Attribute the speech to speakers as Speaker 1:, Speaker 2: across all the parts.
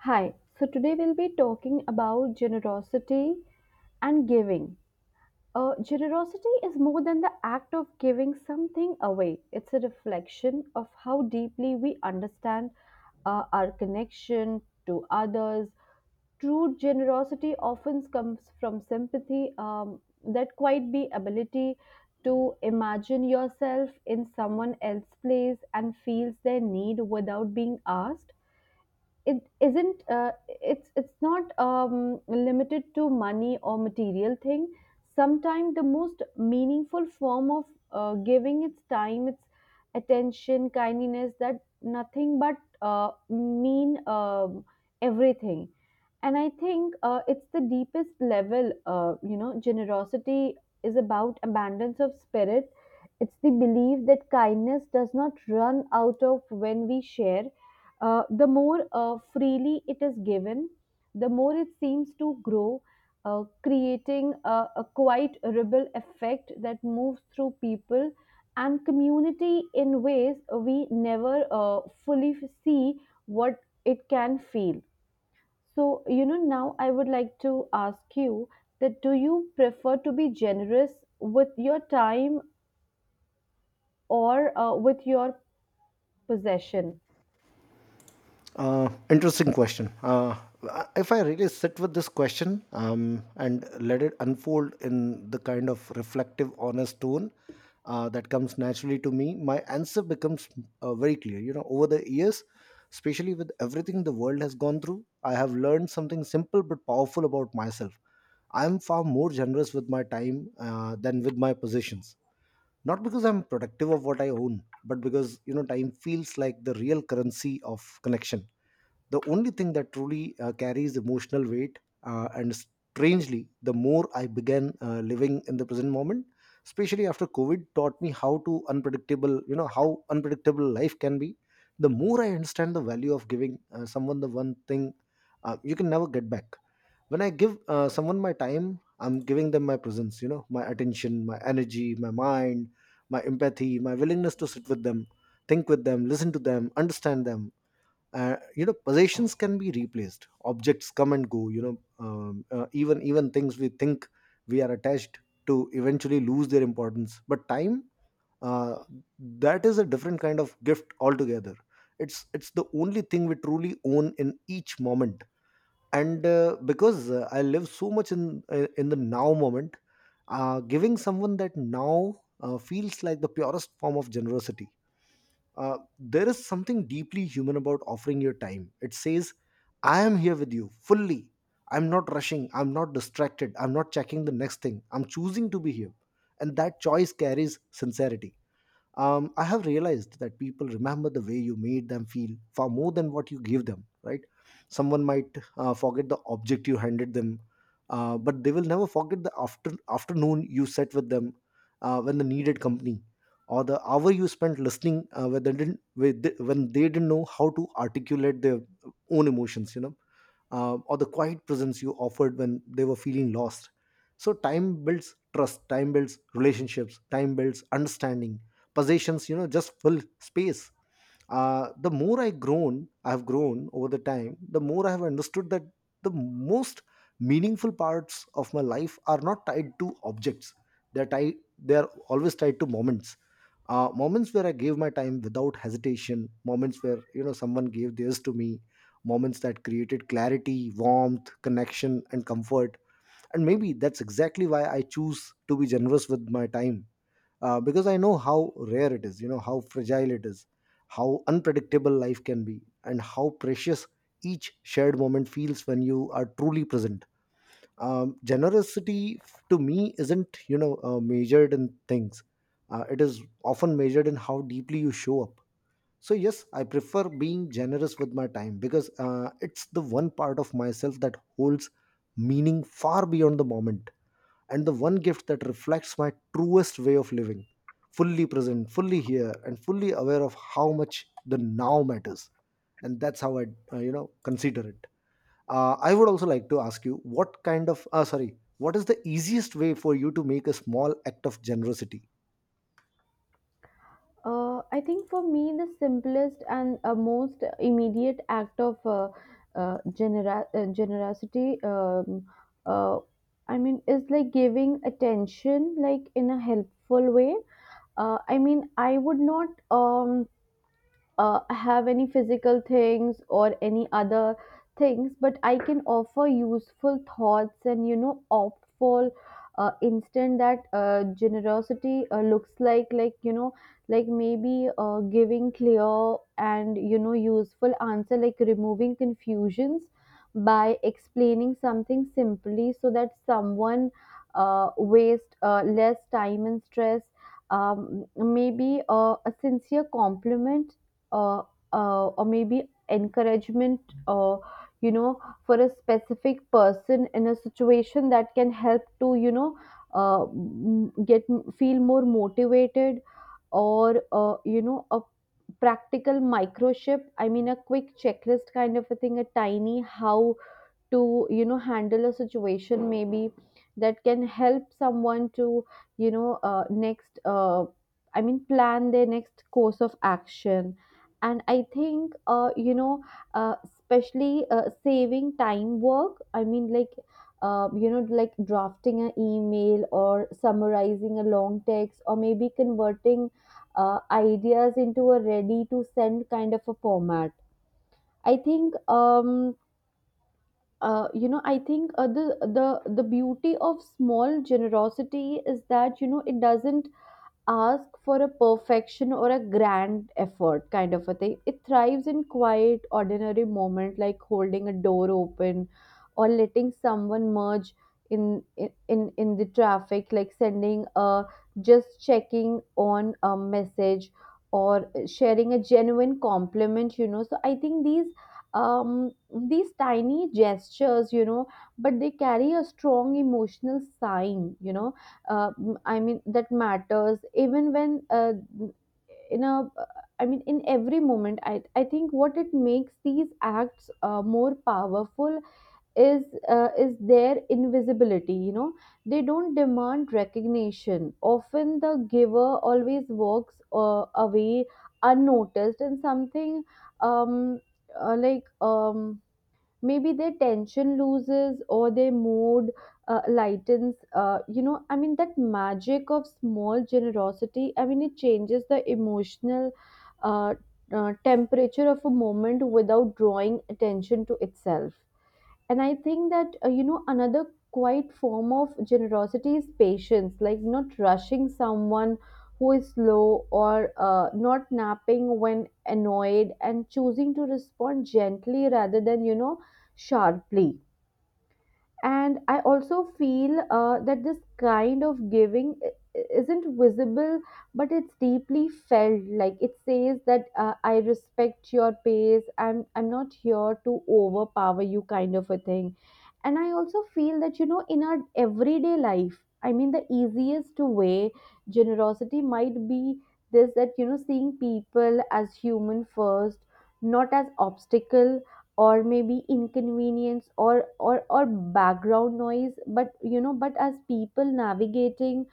Speaker 1: Hi, so today we'll be talking about generosity and giving. Generosity is more than the act of giving something away, it's a reflection of how deeply we understand our connection to others. True generosity often comes from sympathy, that quite be ability to imagine yourself in someone else's place and feels their need without being asked. It isn't. It's not limited to money or material thing. Sometimes the most meaningful form of giving its time, its attention, kindness that nothing but mean everything. And I think it's the deepest level, you know, generosity is about abundance of spirit. It's the belief that kindness does not run out of when we share. Uh, the more freely it is given, the more it seems to grow, creating a quite ripple effect that moves through people and community in ways we never fully see what it can feel. So, you know, now I would like to ask you that do you prefer to be generous with your time or with your possession?
Speaker 2: Interesting question. If I really sit with this question and let it unfold in the kind of reflective, honest tone that comes naturally to me, my answer becomes very clear. You know, over the years, especially with everything the world has gone through, I have learned something simple but powerful about myself. I am far more generous with my time than with my possessions. Not because I'm protective of what I own, but because you know, time feels like the real currency of connection, the only thing that truly carries emotional weight, and strangely, the more I began living in the present moment, especially after COVID taught me how to unpredictable, you know, how unpredictable life can be, the more I understand the value of giving someone the one thing you can never get back. When I give someone my time, I'm giving them my presence, you know, my attention, my energy, my mind, my empathy, my willingness to sit with them, think with them, listen to them, understand them. You know, possessions can be replaced, objects come and go, you know, even things we think we are attached to eventually lose their importance, but time, uh, that is a different kind of gift altogether. It's the only thing we truly own in each moment. And because I live so much in the now moment, giving someone that now feels like the purest form of generosity. There is something deeply human about offering your time. It says, I am here with you fully. I'm not rushing. I'm not distracted. I'm not checking the next thing. I'm choosing to be here. And that choice carries sincerity. I have realized that people remember the way you made them feel far more than what you give them, right? Someone might forget the object you handed them, but they will never forget the afternoon you sat with them when they needed company, or the hour you spent listening when, they didn't, when they didn't know how to articulate their own emotions, you know, or the quiet presence you offered when they were feeling lost. So time builds trust, time builds relationships, time builds understanding. Possessions, you know, just fill space. The more I've grown over the time, the more I have understood that the most meaningful parts of my life are not tied to objects. They're always tied to moments. Moments where I gave my time without hesitation, moments where, you know, someone gave theirs to me, moments that created clarity, warmth, connection, and comfort. And maybe that's exactly why I choose to be generous with my time, because I know how rare it is, you know, how fragile it is, how unpredictable life can be, and how precious each shared moment feels when you are truly present. Generosity, to me, isn't, you know, measured in things. It is often measured in how deeply you show up. So yes, I prefer being generous with my time because it's the one part of myself that holds meaning far beyond the moment, and the one gift that reflects my truest way of living, fully present, fully here, and fully aware of how much the now matters. And that's how I you know consider it. I would also like to ask you, what kind of sorry what is the easiest way for you to make a small act of generosity?
Speaker 1: I think for me, the simplest and most immediate act of generosity, uh, I mean, is like giving attention, like in a helpful way. I mean, I would not have any physical things or any other things, but I can offer useful thoughts, and you know, opt for instant that generosity looks like you know, like maybe giving clear and, you know, useful answer, like removing confusions by explaining something simply so that someone waste less time and stress. Maybe a sincere compliment, uh, or maybe encouragement, or you know, for a specific person in a situation that can help to, you know, get feel more motivated, or you know, a practical microchip, I mean a quick checklist kind of a thing, a tiny how to, you know, handle a situation, maybe that can help someone to, you know, next I mean plan their next course of action. And I think, you know, especially saving time work, I mean like, you know, like drafting an email or summarizing a long text, or maybe converting ideas into a ready to send kind of a format. I think, you know, I think the the beauty of small generosity is that, you know, it doesn't ask for a perfection or a grand effort kind of a thing. It thrives in quiet ordinary moment, like holding a door open or letting someone merge in the traffic, like sending a just checking on a message or sharing a genuine compliment, you know. So I think these, um these tiny gestures, you know, but they carry a strong emotional sign, you know. I mean that matters, even when uh, in a, I mean in every moment, I think what it makes these acts more powerful is, is their invisibility, you know. They don't demand recognition. Often the giver always walks away unnoticed, and something, um uh, like um maybe their tension loses or their mood lightens, you know, I mean that magic of small generosity, I mean it changes the emotional, uh, temperature of a moment without drawing attention to itself. And I think that, you know, another quiet form of generosity is patience, like not rushing someone who is slow, or not napping when annoyed, and choosing to respond gently rather than, you know, sharply. And I also feel that this kind of giving isn't visible, but it's deeply felt, like it says that, I respect your pace, I'm not here to overpower you kind of a thing. And I also feel that, you know, in our everyday life, I mean the easiest way generosity might be this, that you know, seeing people as human first, not as obstacle, or maybe inconvenience, or or background noise, but you know, but as people navigating,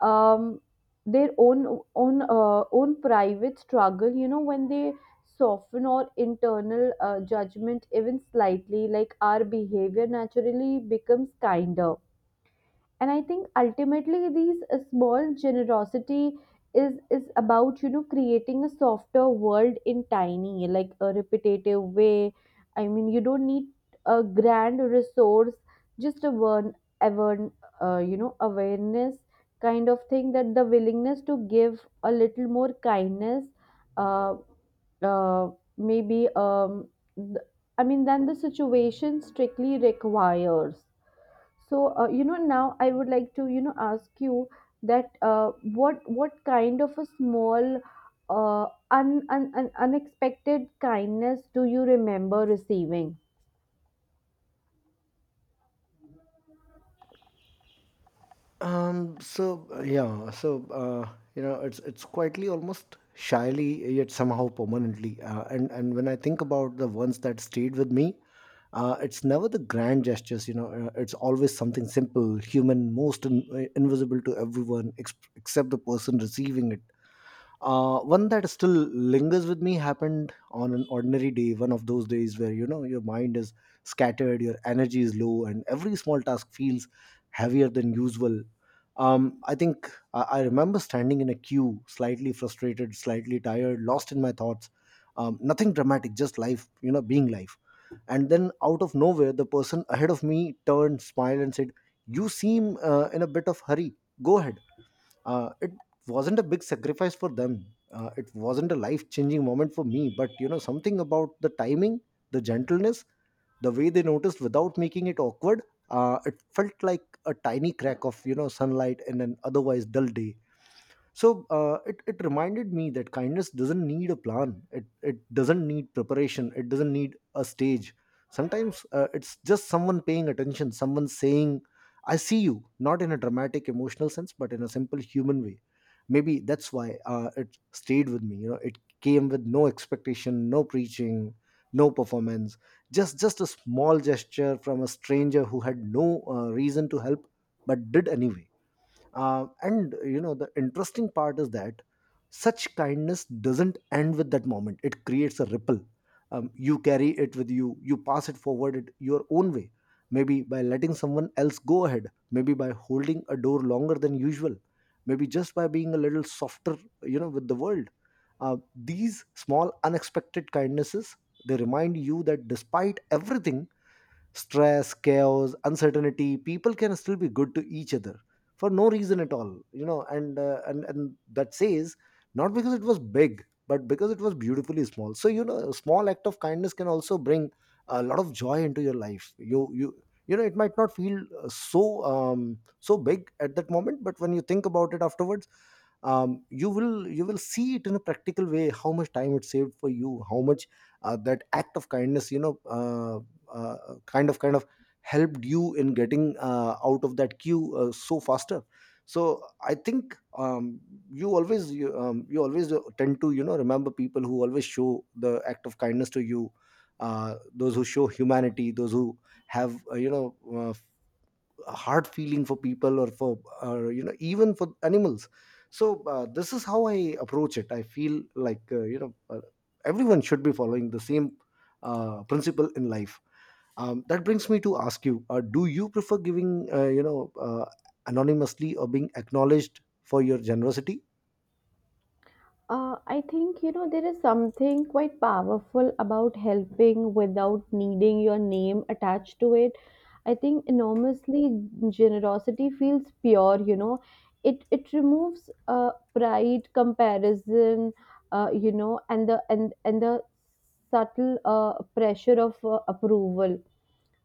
Speaker 1: um their own own private struggle, you know. When they soften our internal judgment even slightly, like our behavior naturally becomes kinder. And I think ultimately these small generosity is about, you know, creating a softer world in tiny, like a repetitive way. I mean you don't need a grand resource, just a one ever, you know, awareness kind of thing, that the willingness to give a little more kindness, uh, uh, maybe, th- I mean, than the situation strictly requires. So, you know, now I would like to, you know, ask you that, what kind of a small, unexpected kindness do you remember receiving?
Speaker 2: Yeah, you know, it's quietly, almost shyly, yet somehow permanently. And when I think about the ones that stayed with me, it's never the grand gestures. You know, it's always something simple, human, invisible to everyone except the person receiving it. One that still lingers with me happened on an ordinary day, one of those days where, you know, your mind is scattered, your energy is low, and every small task feels heavier than usual. I remember standing in a queue, slightly frustrated, slightly tired, lost in my thoughts. Nothing dramatic, just life, you know, being life. And then out of nowhere, the person ahead of me turned, smiled, and said, you seem in a bit of hurry, go ahead. It wasn't a big sacrifice for them. It wasn't a life changing moment for me, but you know, something about the timing, the gentleness, the way they noticed without making it awkward, it felt like a tiny crack of, you know, sunlight in an otherwise dull day. So it reminded me that kindness doesn't need a plan. It doesn't need preparation, it doesn't need a stage. Sometimes it's just someone paying attention, someone saying, I see you, not in a dramatic emotional sense, but in a simple human way. Maybe that's why it stayed with me. You know, it came with no expectation, no preaching, no performance, just a small gesture from a stranger who had no reason to help, but did anyway. And you know, the interesting part is that such kindness doesn't end with that moment, it creates a ripple. You carry it with you, you pass it forward it your own way, maybe by letting someone else go ahead, maybe by holding a door longer than usual, maybe just by being a little softer, you know, with the world. These small unexpected kindnesses, they remind you that despite everything, stress, chaos, uncertainty, people can still be good to each other for no reason at all, you know. And and that says, not because it was big, but because it was beautifully small. So you know, a small act of kindness can also bring a lot of joy into your life. You know, it might not feel so big at that moment, but when you think about it afterwards, you will see it in a practical way, how much time it saved for you, how much that act of kindness, you know, kind of helped you in getting out of that queue so faster. So I think you, you always tend to, you know, remember people who always show the act of kindness to you, those who show humanity, those who have hard feeling for people or you know, even for animals. So this is how I approach it. I feel like, everyone should be following the same principle in life. That brings me to ask you, do you prefer giving, anonymously, or being acknowledged for your generosity?
Speaker 1: I think, you know, there is something quite powerful about helping without needing your name attached to it. I think enormously generosity feels pure. You know, it removes pride, comparison, you know, and the and the subtle pressure of approval.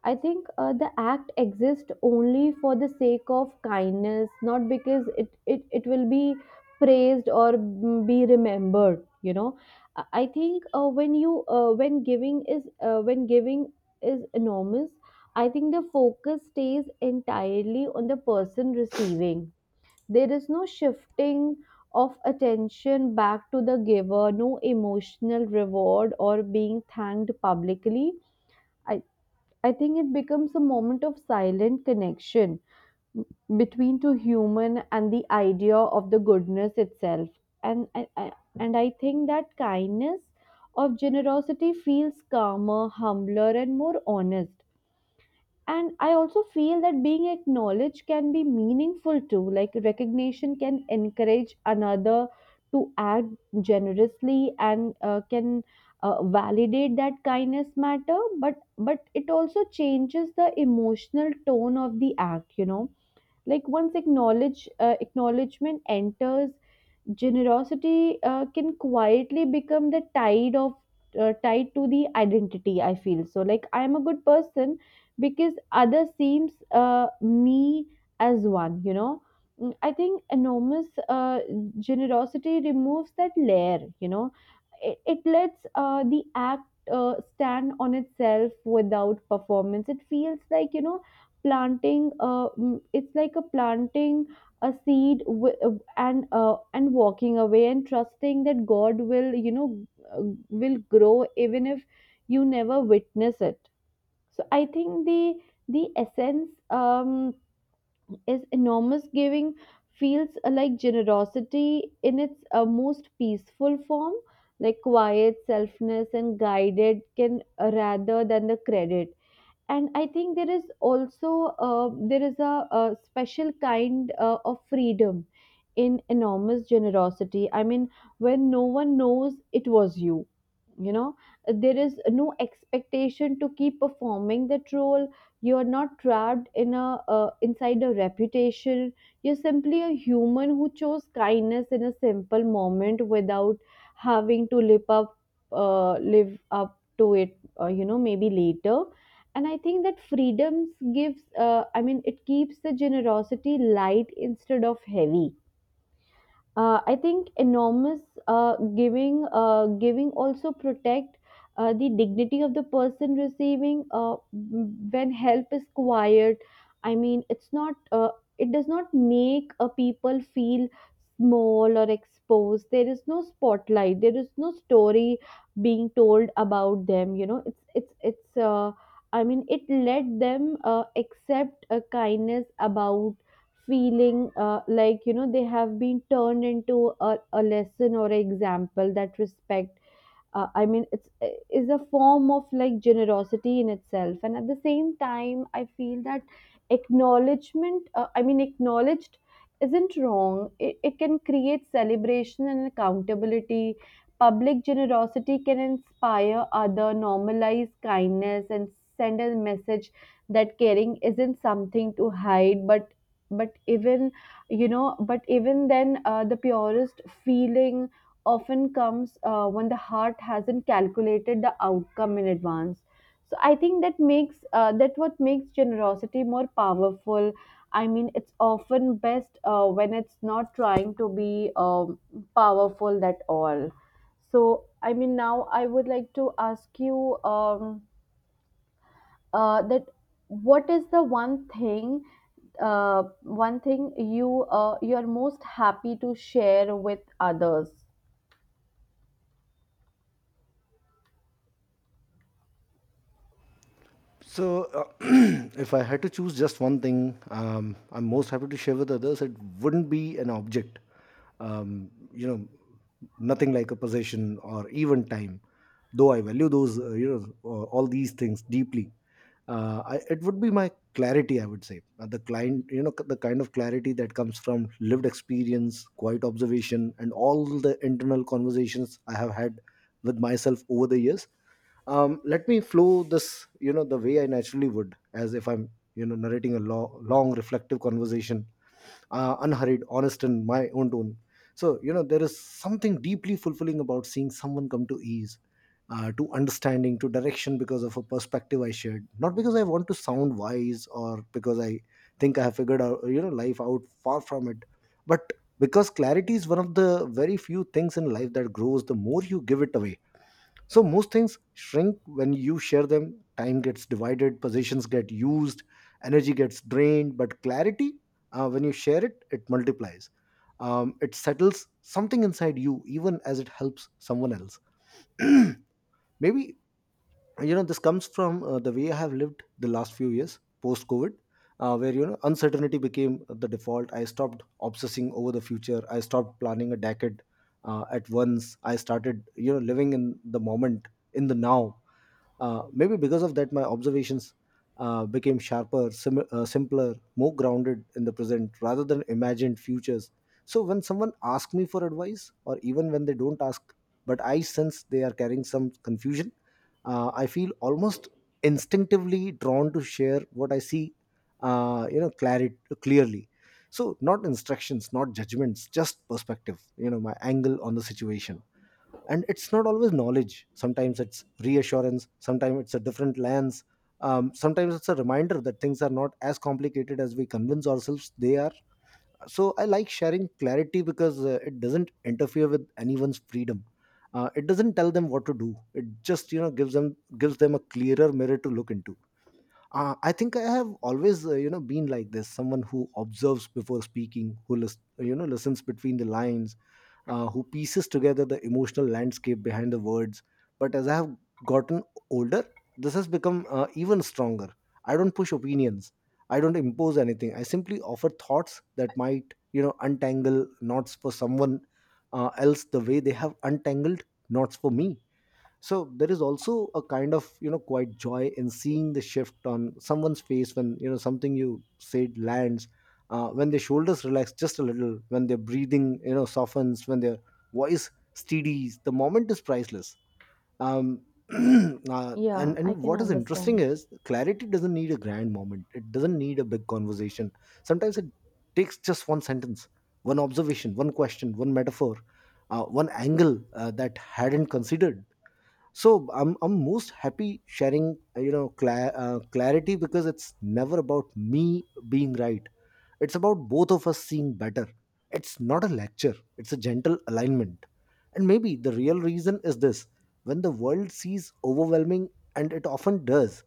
Speaker 1: I think the act exists only for the sake of kindness, not because it will be praised or, mm, be remembered. You know, I think, when giving is, when giving is enormous, I think the focus stays entirely on the person receiving. There is no shifting of attention back to the giver, no emotional reward or being thanked publicly. I. I think it becomes a moment of silent connection between two human and the idea of the goodness itself. And I, I- and I think that kindness of generosity feels calmer, humbler, and more honest. And I also feel that being acknowledged can be meaningful too, like recognition can encourage another to act generously, and can validate that kindness matter. But it also changes the emotional tone of the act, you know, like once acknowledgement enters, generosity can quietly become the tide of tied to the identity, I feel. So like I am a good person because other seems me as one, you know. Mm, I think enormous generosity removes that layer, you know. It lets the act stand on itself without performance. It feels like, you know, planting mm, it's like a planting a seed, and walking away and trusting that god will, you know, uh, will grow, even if you never witness it. So I think the essence, is enormous giving feels like generosity in its most peaceful form, like quiet selfness and guided can, rather than the credit. And I think there is also, there is a special kind of freedom in enormous generosity. I mean, when no one knows it was you, you know, there is no expectation to keep performing that role. You are not trapped in a, inside a reputation. You're simply a human who chose kindness in a simple moment without having to live up, live up to it, you know, maybe later. And I think that freedoms gives, I mean it keeps the generosity light instead of heavy. Uh, I think enormous giving also protect the dignity of the person receiving. Uh, when help is quiet, I mean, it does not make a people feel small or exposed. There is no spotlight. There is no story being told about them. You know, it's it's. I mean, it let them accept a kindness about feeling like, you know, they have been turned into a lesson or an example. That respect, I mean it's is a form of like generosity in itself. And at the same time I feel that acknowledgement I mean acknowledged isn't wrong. It can create celebration and accountability. Public generosity can inspire other, normalize kindness, and send a message that caring isn't something to hide. But even you know, but even then, the purest feeling often comes when the heart hasn't calculated the outcome in advance. So I think that makes, that what makes generosity more powerful, I mean, it's often best when it's not trying to be, powerful at all. So I mean, now I would like to ask you, that what is the one thing, uh, one thing you, you are most happy to share with others?
Speaker 2: So if I had to choose just one thing I'm most happy to share with others, it wouldn't be an object. You know, nothing like a possession or even time, though I value those, all these things deeply. It would be my clarity, I would say. The client You know, the kind of clarity that comes from lived experience, quiet observation, and all the internal conversations I have had with myself over the years. Let me flow this, you know, the way I naturally would, as if I'm, you know, narrating a long reflective conversation, unhurried, honest, and my own tone. So, you know, there is something deeply fulfilling about seeing someone come to ease, to understanding, to direction, because of a perspective I shared. Not because I want to sound wise, or because I think I have figured out, you know, life out, far from it, but because clarity is one of the very few things in life that grows the more you give it away. So most things shrink when you share them. Time gets divided, positions get used, energy gets drained. But clarity, when you share it, it multiplies. It settles something inside you, even as it helps someone else. Maybe you know this comes from the way I have lived the last few years post covid where you know uncertainty became the default. I stopped obsessing over the future. I stopped planning a decade at once. I started you know living in the moment, in the now. Uh, maybe because of that my observations became sharper, simpler, more grounded in the present rather than imagined futures. So when someone asks me for advice, or even when they don't ask, but I sense they are carrying some confusion, I feel almost instinctively drawn to share what I see, you know, clarity clearly. So not instructions, not judgments, just perspective. You know, my angle on the situation, and it's not always knowledge. Sometimes it's reassurance. Sometimes it's a different lens. Sometimes it's a reminder that things are not as complicated as we convince ourselves they are. So I like sharing clarity because it doesn't interfere with anyone's freedom. It doesn't tell them what to do. It just you know gives them a clearer mirror to look into. I think I have always you know been like this, someone who observes before speaking, who you know listens between the lines, who pieces together the emotional landscape behind the words. But as I have gotten older, this has become even stronger. I don't push opinions. I don't impose anything. I simply offer thoughts that might, you know, untangle knots for someone else, the way they have untangled knots for me. So there is also a kind of you know quite joy in seeing the shift on someone's face when you know something you said lands, when their shoulders relax just a little, when their breathing you know softens, when their voice steadies. The moment is priceless. um,
Speaker 1: Yeah,
Speaker 2: and
Speaker 1: I
Speaker 2: and
Speaker 1: can
Speaker 2: what is interesting
Speaker 1: understand.
Speaker 2: is clarity doesn't need a grand moment. It doesn't need a big conversation. Sometimes it takes just one sentence, one observation, one question, one metaphor, one angle that hadn't considered. So i'm most happy sharing you know clarity because it's never about me being right. It's about both of us seeing better. It's not a lecture, it's a gentle alignment. And maybe the real reason is this: when the world sees overwhelming, and it often does,